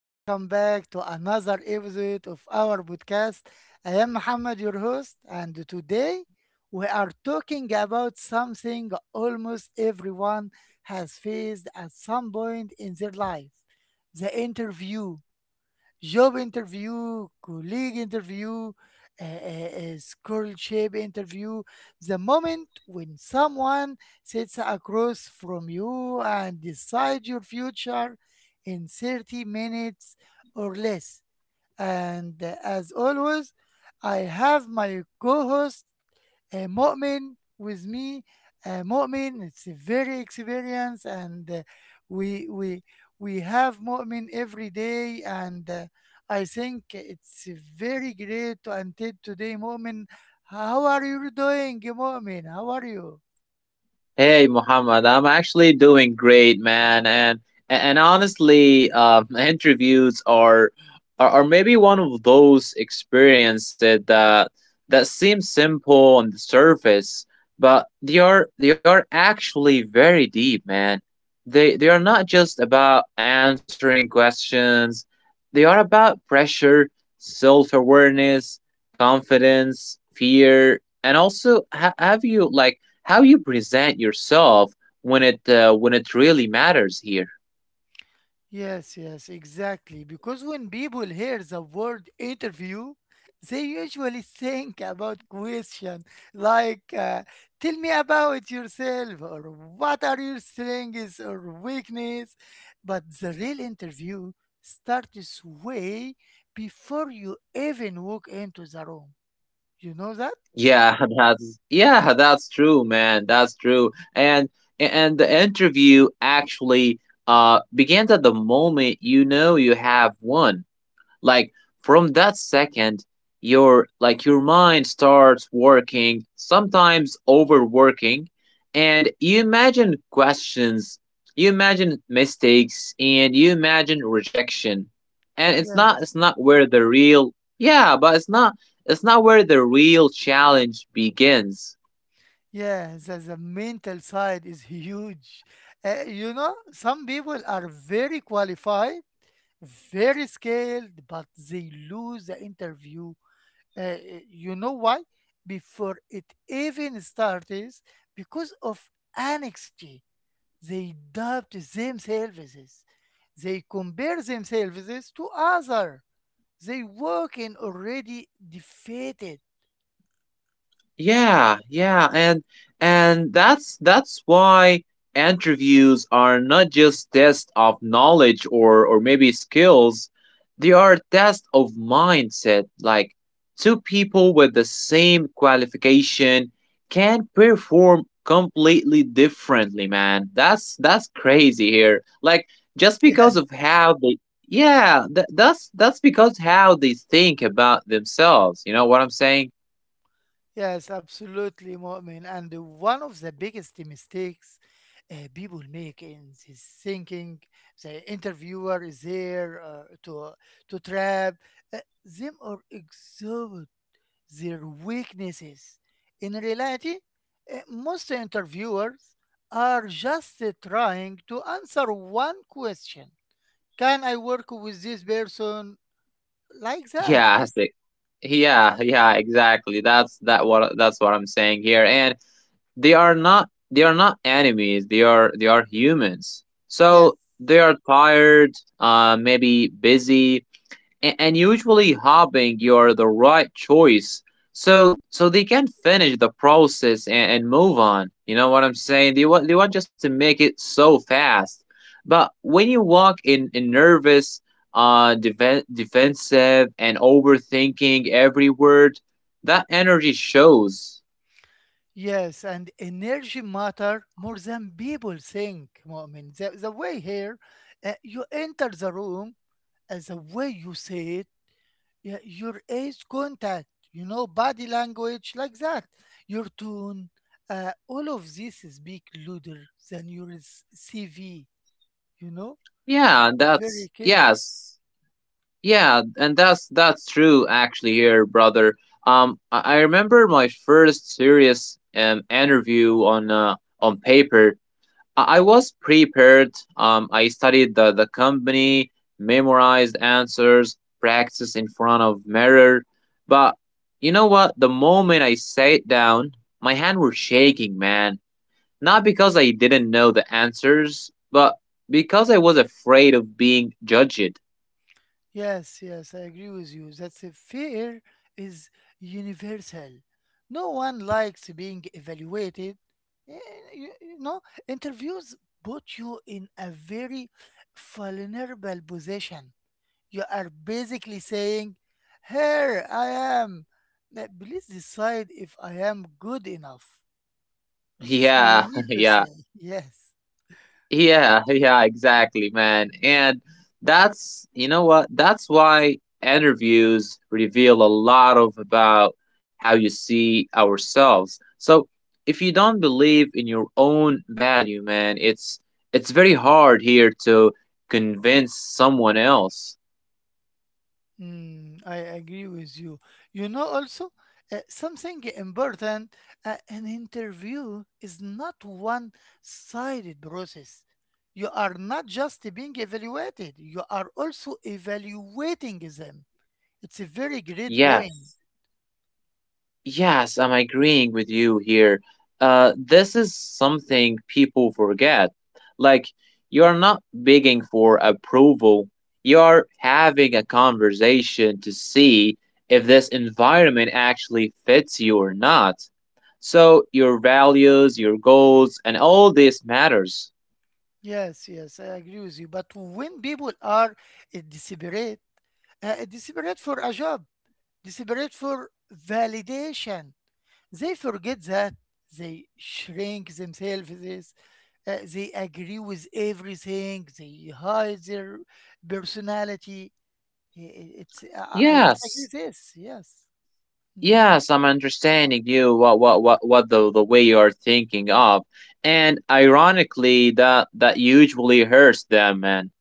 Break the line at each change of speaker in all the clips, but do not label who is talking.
Welcome back to another episode of our podcast. I am Muhammad, your host, and today we are talking about something almost everyone has faced at some point in their life, the interview. Job interview, colleague interview, scholarship interview. The moment when someone sits across from you and decides your future in 30 minutes or less. And As always, I have my co host a Mu'min with me. A Mu'min, it's a very experience, and we we we have Mu'min every day, and I think it's very great. Until today, Mu'min, how are you doing, Mu'min? How are you?
Hey Muhammad, I'm actually doing great, man, and honestly, interviews are, are maybe one of those experiences that seem simple on the surface, but they are actually very deep, man. They are not just about answering questions. They are about pressure, self-awareness, confidence, fear, and also ha have you like how you present yourself when it really matters here.
Yes, yes, exactly. Because when people hear the word interview, they usually think about question like "Tell me about yourself" or "What are your strengths or weakness?" But the real interview starts way before you even walk into the room. You know that?
Yeah, that's true, man. That's true. And the interview actually begins at the moment you know you have won. Like from that second your like your mind starts working, sometimes overworking, and you imagine questions, you imagine mistakes, and you imagine rejection. And it's not
Yes.
it's not where the real, yeah, but it's not where the real challenge begins.
Yeah, the mental side is huge. You know, some people are very qualified, very scaled, but they lose the interview. Uh, uh, you know why? Before it even starts, because of anxiety, they doubt themselves. They compare themselves to other. They walk in already defeated.
Yeah, and that's why interviews are not just tests of knowledge or maybe skills. They are tests of mindset. Like two people with the same qualification can perform completely differently, man. That's crazy here. Like just because of how they, yeah, that's because how they think about themselves. You know what I'm saying?
Yes, absolutely, Mu'min. And one of the biggest mistakes people make in this, thinking the interviewer is there uh, to trap uh, them or exhibit their weaknesses. In reality, most interviewers are just trying to answer one question: can I work with this person, like that?
Yeah, I see. Yeah, yeah, exactly. That's what I'm saying here. And they are not enemies. They are humans.
Yes.
So they are tired, maybe busy, and usually hoping you're the right choice, so they can finish the process and move on. You know what I'm saying? They want just to make it so fast. But when you walk in nervous, defensive, and overthinking every word, that energy shows.
Yes, and energy matter more than people think, Mu'min. The way here, you enter the room, the way you say it, your eyes contact, you know, body language, like that, your tone, all of this is big louder than your CV, you know?
Yeah,
It's very
that's,
clear.
yes. Yeah, and that's true actually here, brother. I remember my first serious interview on paper. I was prepared. I studied the company, memorized answers, practiced in front of mirror. But you know what? The moment I sat down, my hand were shaking, man. Not because I didn't know the answers, but because I was afraid of being judged.
Yes, yes, I agree with you. That the fear is universal. No one likes being evaluated. Eh, You, you know, interviews put you in a very vulnerable position. You are basically saying, "Here I am. Please decide if I am good enough." This is my
Yeah,
need to
yeah.
say. Yes.
Yeah, yeah, exactly, man. And that's, you know what? That's why interviews reveal a lot of about how you see ourselves. So if you don't believe in your own value, man, it's very hard here to convince someone else.
Mm, I agree with you. You know, also, something important, an interview is not one-sided process. You are not just being evaluated, you are also evaluating them. It's a very great point.
Yes. Yes, I'm agreeing with you here. This is something people forget. Like, you're not begging for approval, you're having a conversation to see if this environment actually fits you or not. So your values, your goals, and all this matters.
Yes, yes, I agree with you. But when people are desperate, desperate for a job, desperate for validation, they forget that. They shrink themselves. They agree with everything. They hide their personality. It's I disagree
Yes.
with this. Yes. Mhm.
Yes, I'm understanding you, what the way you are thinking of. And ironically that usually hurts them, man,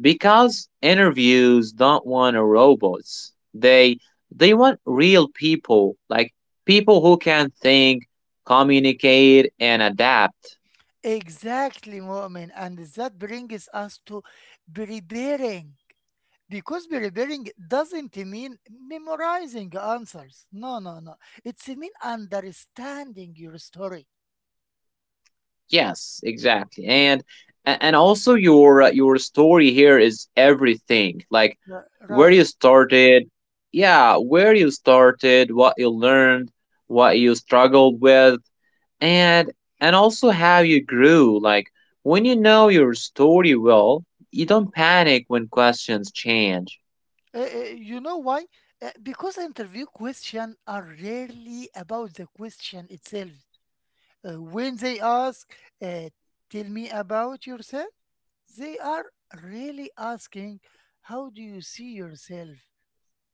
because interviews don't want a robots. They want real people, like people who can think, communicate, and adapt.
Exactly, Mu'min. And that brings us to preparing. Because preparing doesn't mean memorizing answers. No, no, no. It's mean understanding your story.
Yes, exactly. And also your story here is everything. Like where you
Right.
started, yeah, where you started, what you learned, what you struggled with, and and also how you grew. Like when you know your story well, you don't panic when questions change.
You know why? Because interview questions are rarely about the question itself. When they ask, uh, "Tell me about yourself," they are really asking, "How do you see yourself?"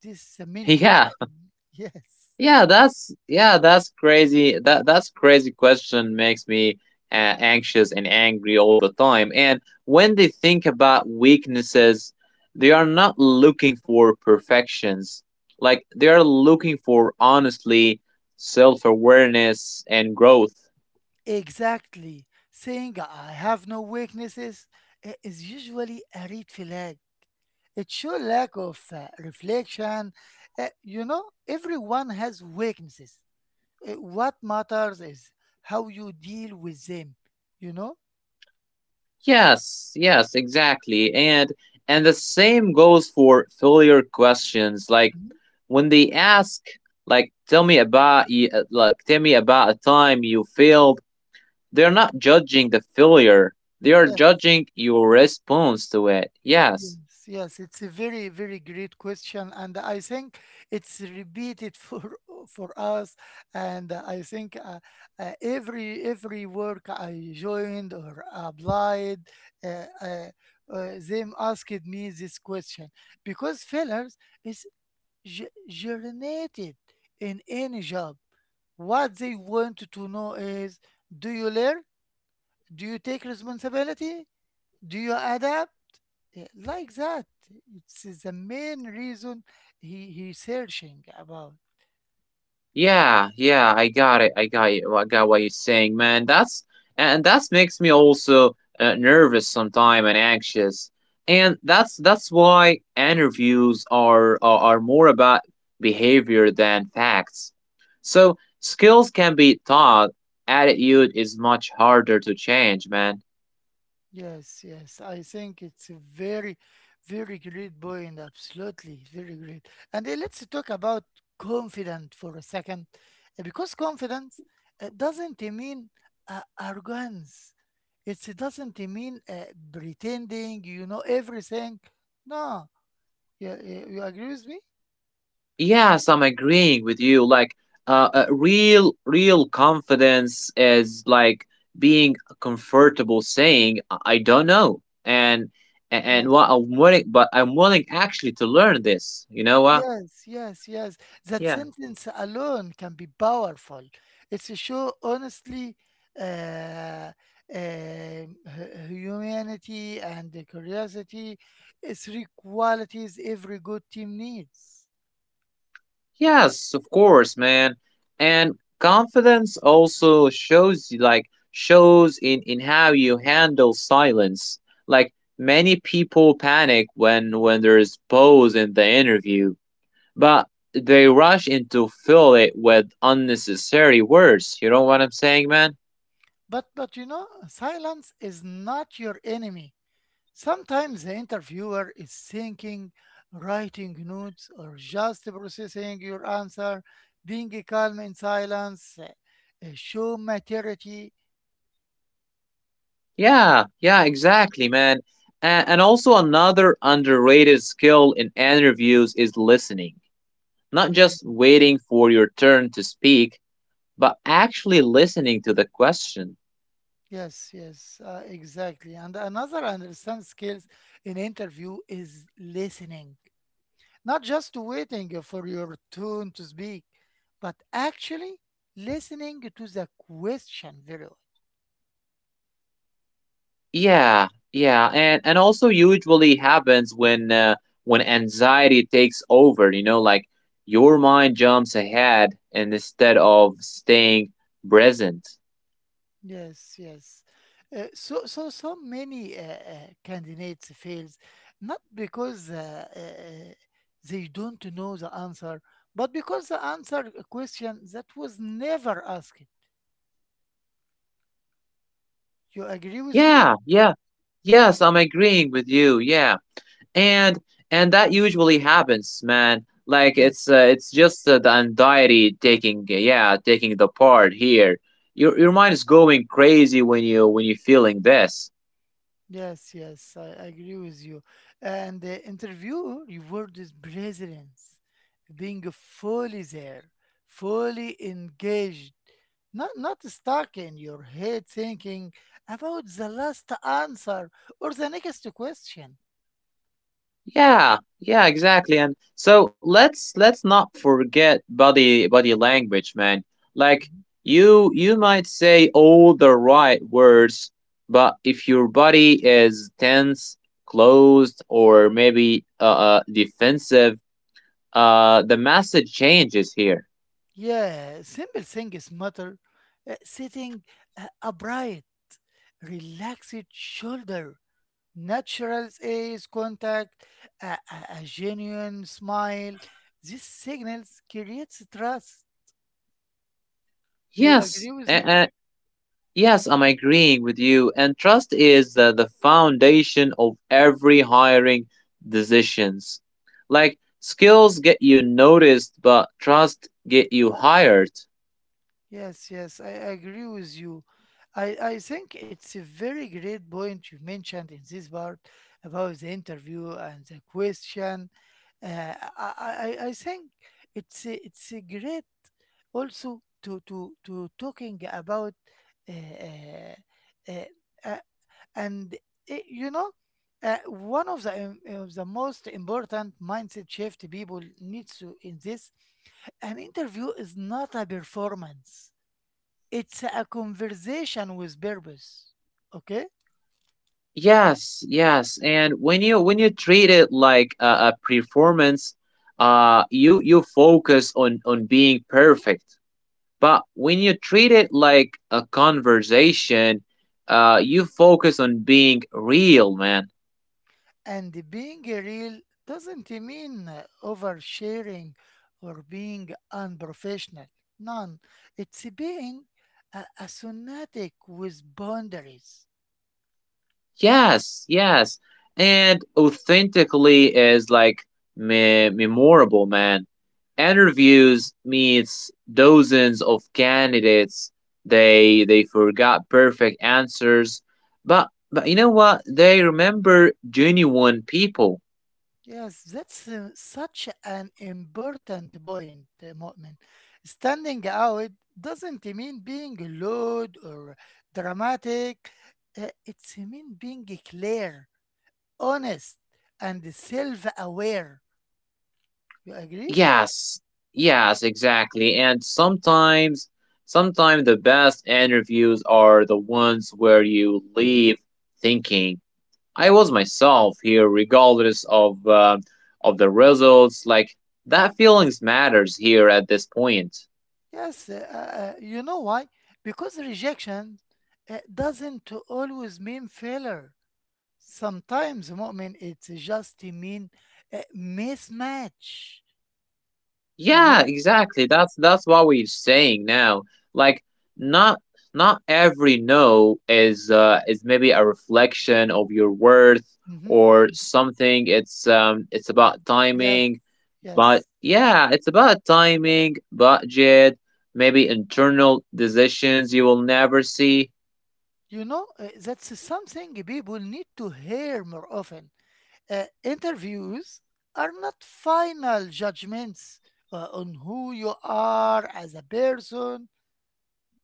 This is the main
Yeah.
question. Yes,
Yeah, that's crazy. That's crazy question makes me anxious and angry all the time. And when they think about weaknesses, they are not looking for perfections. Like they are looking for honestly, self-awareness, and growth.
exactly. Saying "I have no weaknesses" is usually a red flag. It shows lack of reflection. You know, everyone has weaknesses. What matters is how you deal with them, you know?
Yes, yes, exactly. And the same goes for failure questions. Like
Mhm.
when they ask like, tell me about y- like tell me about a time you failed, they're not judging the failure. They are
Yes,
judging your response to it. Yes.
yes, yes. It's a very, very great question, and I think it's repeated for for us. And I think every work I joined or applied, uh, uh, them asked me this question because failures is germinated in any job. What they want to know is, do you learn? Do you take responsibility? Do you adapt? Yeah, like that. It's the main reason he searching about.
Yeah, yeah, I got it. I got it. I got what you're saying, man. That's, and that makes me also nervous sometimes and anxious. And that's why interviews are, are more about behavior than facts. So skills can be taught. Attitude is much harder to change, man.
Yes, yes, I think it's a very, very great point. Absolutely, very great. And then let's talk about confident for a second. Because confidence doesn't mean arrogance. It's, it doesn't mean pretending you know everything. No, yeah, you agree with me?
Yes, I'm agreeing with you. Like, real confidence is like being comfortable saying, "I don't know," and what I'm willing, but I'm willing actually to learn this. You know what?
Yes, yes, yes. That
Yeah.
sentence alone can be powerful. It's a show, honestly, uh, humanity and the curiosity. It's three qualities every good team needs.
Yes, of course, man. And confidence also shows you, like, shows in how you handle silence. Like, many people panic when there's pause in the interview. But they rush in to fill it with unnecessary words. You know what I'm saying, man?
But you know, silence is not your enemy. Sometimes the interviewer is thinking, writing notes, or just processing your answer. Being calm in silence, show maturity.
Yeah, yeah, exactly, man. And also, another underrated skill in interviews is listening. Not just
Mm.
waiting for your turn to speak, but actually listening to the question.
Yes, yes, exactly. And another understand skills in interview is listening, not just waiting for your turn to speak, but actually listening to the question very well.
Yeah, yeah, and also usually happens when anxiety takes over, you know, like your mind jumps ahead and instead of staying present.
Yes, yes. So many candidates fails not because they don't know the answer, but because the answer a question that was never asked. You agree with me?
Yeah, yeah. Yes, I'm agreeing with you. Yeah. And and that usually happens, man. Like
Yes.
it's just the anxiety taking, yeah, taking the part here. Your mind is going crazy when you when you're feeling this.
Yes, yes, I agree with you. And the interviewer rewarded his presence, being fully there, fully engaged, not not stuck in your head thinking about the last answer or the next question.
Yeah, yeah, exactly. And so let's not forget body language, man. Like
Mhm.
you might say all the right words, but if your body is tense, closed, or maybe defensive, the message changes here.
Yeah, simple things matter. Sitting upright, relaxed shoulder, natural eyes contact, a genuine smile. These signals creates trust. You
Yes,
agree with me?
and, yes, I'm agreeing with you. And trust is the foundation of every hiring decisions. Like skills get you noticed, but trust get you hired.
Yes, yes, I agree with you. I think it's a very great point you mentioned in this part about the interview and the question. Uh, I think it's it's a great also to to talking about uh, uh, uh, a and it, you know, one of the of the most important mindset shift people needs to in this, an interview is not a performance, it's a conversation with purpose, okay?
Yes, yes. And when you treat it like a performance, you you focus on being perfect. But when you treat it like a conversation, you focus on being real, man.
And being real doesn't mean oversharing or being unprofessional, none. It's being a sonatic with boundaries.
Yes, yes. And authentically is like memorable, man. Interviews meets dozens of candidates. They forgot perfect answers, but you know what? They remember genuine people.
Yes, that's such an important point, Mu'min. Standing out doesn't mean being loud or dramatic. It's mean being clear, honest, and self-aware. You agree?
Yes, yes, exactly. And sometimes the best interviews are the ones where you leave thinking, I was myself here, regardless of the results. Like that feelings matters here at this point.
Yes. You know why? Because rejection doesn't always mean failure. Sometimes, Mu'min, it's just mean mismatch. You
Yeah,
know?
exactly. That's what we're saying now. Like not, not every no is is maybe a reflection of your worth
Mm-hmm.
or something. It's, it's about
Yes,
timing, but
yes.
yeah, it's about timing, budget, maybe internal decisions you will never see.
You know, that's something people need to hear more often. Interviews are not final judgments on who you are as a person.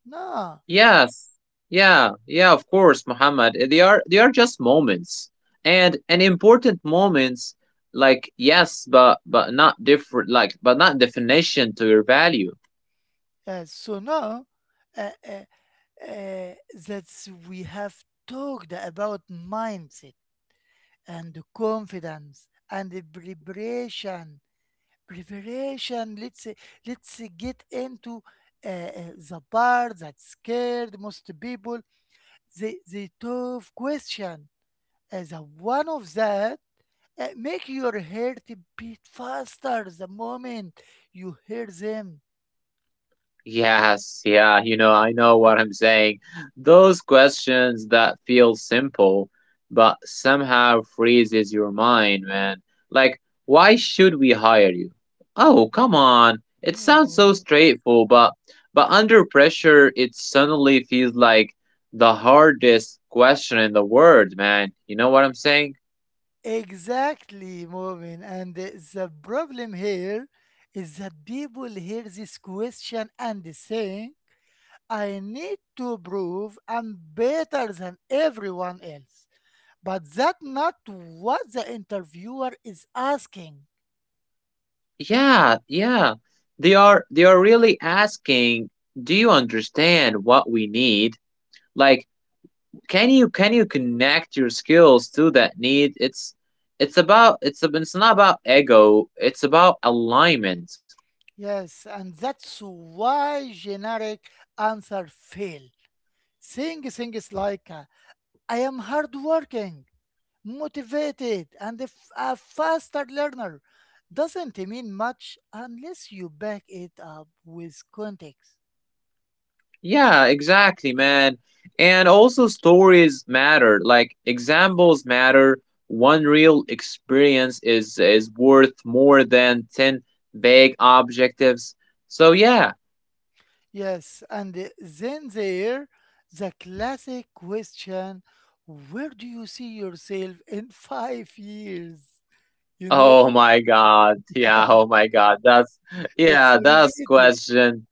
No.
Yes. Yeah. Yeah, of course, Muhammad. Eh, they are just moments. And important moments, like yes, but not different, like but not definition to your value.
So now uh, uh, uh, that's we have talked about mindset and confidence and the preparation. Preparation. Let's get into the part that scared most people. The tough question. As a one of that, make your heart beat faster the moment you hear them.
Yes, yeah, you know, I know what I'm saying. Those questions that feel simple but somehow freezes your mind, man. Like, why should we hire you? Oh, come on. It sounds so
Oh.
straightforward, but under pressure it suddenly feels like the hardest question in the world, man. You know what I'm saying?
Exactly, Momin. And the problem here is that people hear this question and they say, "I need to prove I'm better than everyone else." But that not what the interviewer is asking.
Yeah, yeah. They are really asking, do you understand what we need? Like can you connect your skills to that need? It's it's not about ego, it's about alignment.
Yes, and that's why generic answer fail. Saying things like I am hardworking, motivated, and a faster learner doesn't mean much unless you back it up with context.
Yeah, exactly, man. And also stories matter, like examples matter. One real experience is worth more than 10 vague objectives, so yeah.
Yes, and then there the classic question, where do you see yourself in 5 years? You know?
Oh my god,
Yeah,
yeah, oh my god,
it's
that's
repeated.
question.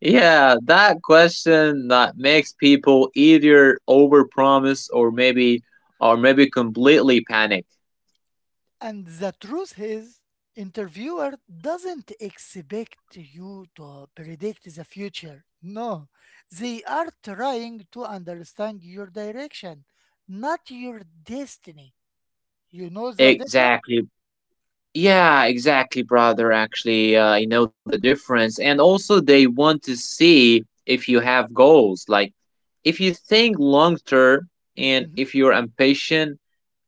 Yeah, that question that makes people either overpromise or maybe completely panic.
And the truth is, interviewer doesn't expect you to predict the future. No, they are trying to understand your direction, not your destiny. You know the difference?
Exactly. Yeah, exactly, brother. Actually, I know the difference. And also, they want to see if you have goals. Like, if you think long term and
Mm-hmm.
if you're impatient,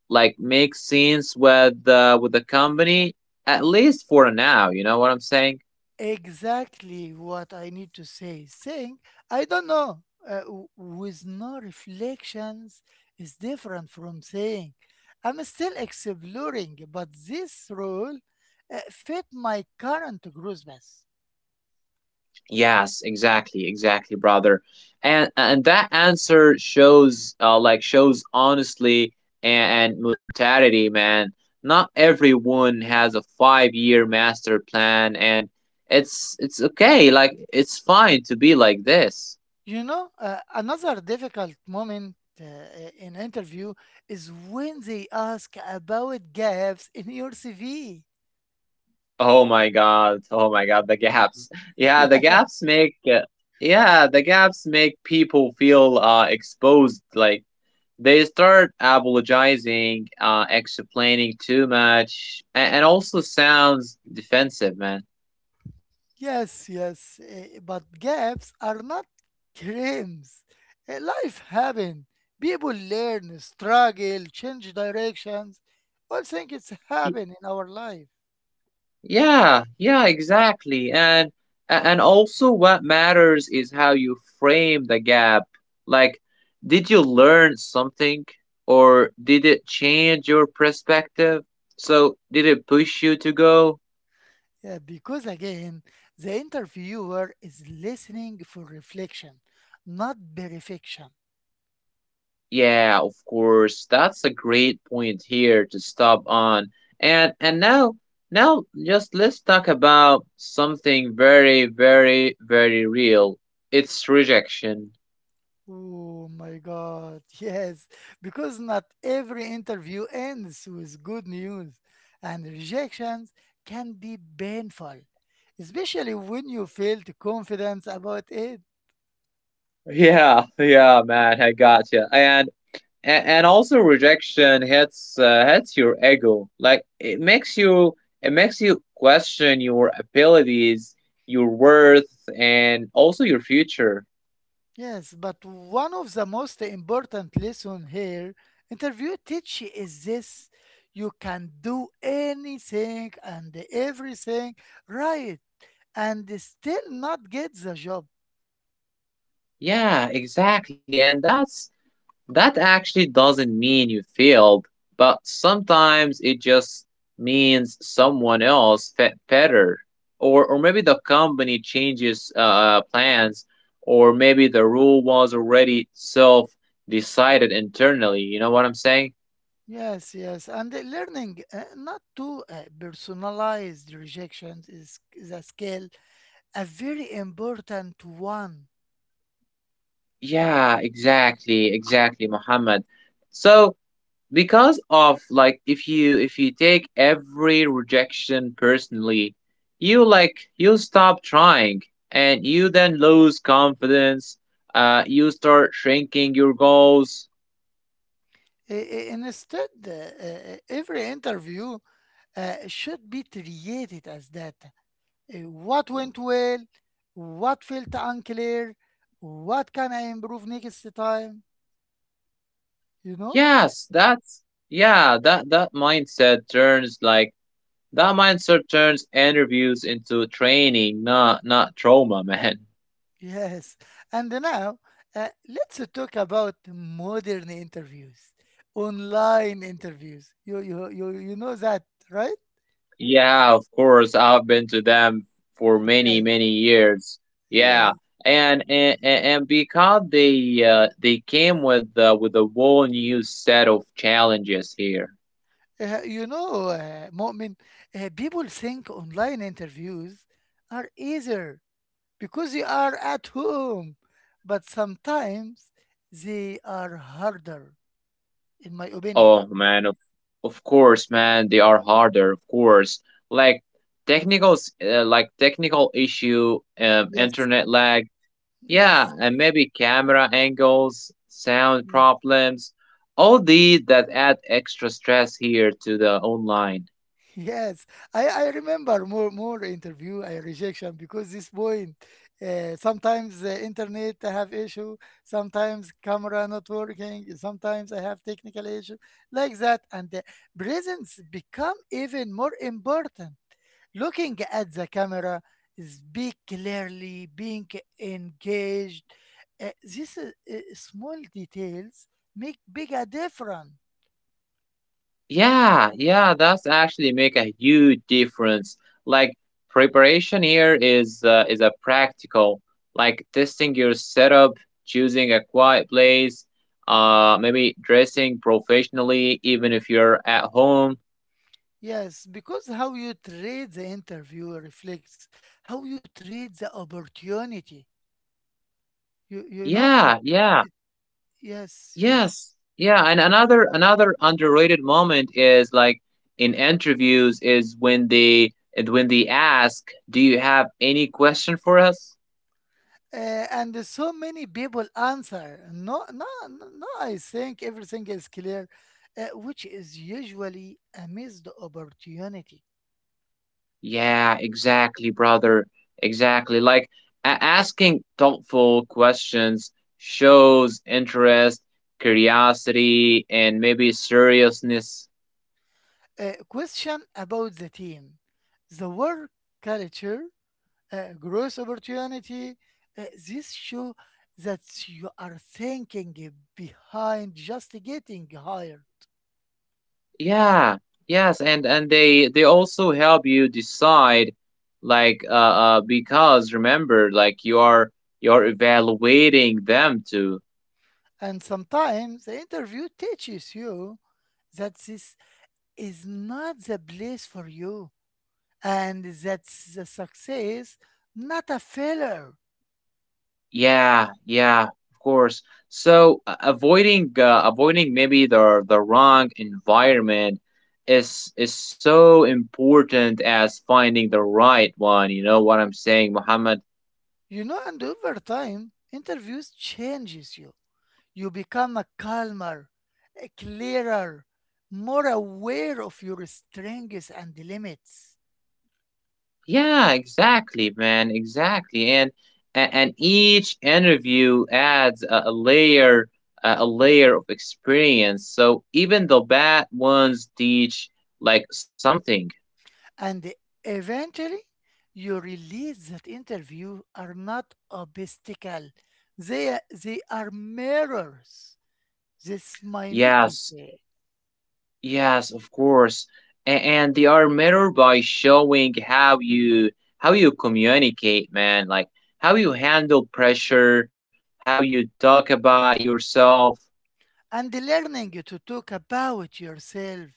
like, make sense with the company at least for now. You know what I'm saying?
Exactly what I need to say. Saying, "I don't know," with no reflections, is different from saying, "I'm still exploring, but this role fit my current growth path."
Yes, exactly, exactly, brother. And that answer shows like shows honestly and mortality, man. Not everyone has a 5 year master plan and it's okay, like it's fine to be like this.
You know, another difficult moment in interview is when they ask about gaps in your CV.
Oh my god, the gaps. Yeah, the gaps make yeah, the gaps make people feel exposed, like they start apologizing, explaining too much, and also sounds defensive, man.
Yes, yes, but gaps are not crimes. Life happens. People learn, struggle, change directions. All things it's happen in our life.
Yeah, yeah, exactly. And also what matters is how you frame the gap. Like, did you learn something or did it change your perspective? So, did it push you to go?
Yeah, because again, the interviewer is listening for reflection, not verification.
Yeah, of course. That's a great point here to stop on. And now just let's talk about something very real. It's rejection.
Oh my God. Yes, because not every interview ends with good news, and rejections can be painful, especially when you feel the confidence about it.
Yeah, yeah, man, I got you. And and also rejection hits hits your ego. Like it makes you question your abilities, your worth, and also your future.
Yes, but one of the most important lesson here, interview teach is this: you can do anything and everything right and still not get the job.
Yeah, exactly. And that's, that actually doesn't mean you failed, but sometimes it just means someone else fit better, or maybe the company changes plans, or maybe the rule was already self decided internally. You know what I'm saying?
Yes, yes, and learning not to personalize the rejections is a skill, a very important one.
Yeah, exactly, exactly, Muhammad. So because of like, if you take every rejection personally, you like you stop trying, and you then lose confidence, you start shrinking your goals.
Instead, every interview should be treated as that. What went well? What felt unclear? What can I improve next time? You know?
Yes, that's, yeah, that mindset turns like that mindset turns interviews into training, not trauma, man.
Yes, and now let's talk about modern interviews, online interviews. You know that, right?
Yeah, of course. I've been to them for
Yes,
many years.
yes.
Yeah. And and because they came with a whole new set of challenges here.
You know, Mu'min, people think online interviews are easier because you are at home, but sometimes they are harder, in my opinion.
Oh man, of course, man, they are harder, of course. Like technicals, like technical issue,
Yes,
internet lag, yeah,
yes.
and maybe camera angles, sound problems, all these that add extra stress here to the online.
Yes, I remember more interview rejection because this point. Sometimes the internet I have issue, sometimes camera not working, sometimes I have technical issue like that, and the presence become even more important. Looking at the camera, speak clearly, being engaged. These small details make big a difference.
Yeah, yeah, that's actually make a huge difference. Like preparation here is a practical, like testing your setup, choosing a quiet place, maybe dressing professionally even if you're at home.
Yes, because how you treat the interview reflects how you treat the opportunity. You know it,
Yeah,
it,
yeah.
yes, yes.
Yes. Yeah, and another underrated moment is like in interviews is when they and when they ask, "Do you have any question for us?"
And there's so many people answer, "No, no, no, no, I think everything is clear," which is usually a missed opportunity.
Yeah, exactly, brother. Exactly. Like asking thoughtful questions shows interest, curiosity, and maybe seriousness.
Question about the team, the work culture, growth opportunity. This show that you are thinking behind just getting hired.
Yeah, yes, and they also help you decide, like because remember, like you're evaluating them too.
And sometimes the interview teaches you that this is not the place for you, and that's the success, not a failure.
Yeah, yeah, of course. So avoiding maybe the wrong environment is so important as finding the right one. You know what I'm saying, Muhammad?
You know, and over time, interviews changes you. You become a calmer, a clearer, more aware of your strengths and limits.
Yeah, exactly, man, exactly. And and each interview adds a layer, a layer of experience. So even the bad ones teach like something.
And eventually, you realize that interviews are not obstacle. They, they are mirrors. This I need to
Yes,
say.
yes, of course. And they are mirrored by showing how you communicate, man, like how you handle pressure, how you talk about yourself.
And learning to talk about yourself,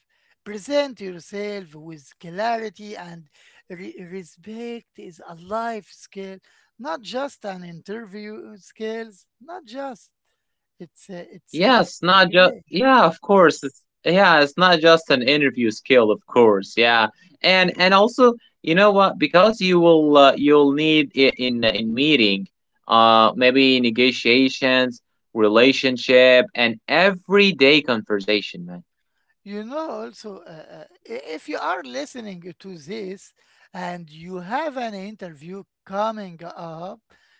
present yourself with clarity and respect is a life skill, not just an interview skills, not just. It's
Yes,
it's a
not just
great.
yeah, of course. It's, yeah, it's not just an interview skill, of course. Yeah, and also, you know what? Because you will you'll need it in meeting,
Mm.
maybe negotiations, relationship, and everyday conversation, man.
You know, also, if you are listening to this and you have an interview coming up,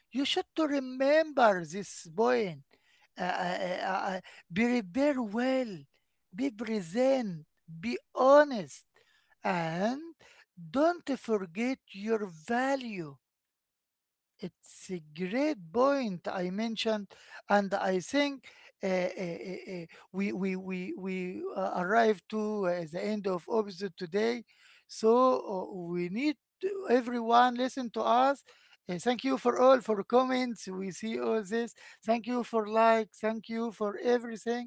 you should to remember this point. Uh, uh, uh, uh, be prepare well, be present, be honest, and don't forget your value. It's a great point I mentioned, and I think uh, uh, uh, uh, we arrived to the end of episode today. So we need to everyone listen to us. Thank you for all for comments. We see all this. Thank you for like. Thank you for everything.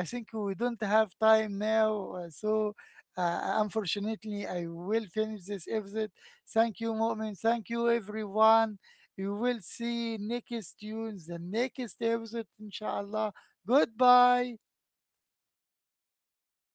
I think we don't have time now, so. Unfortunately, I will finish this episode. Thank you, Mu'min. Thank you, everyone. You will see next tunes the next episode, inshallah. Goodbye.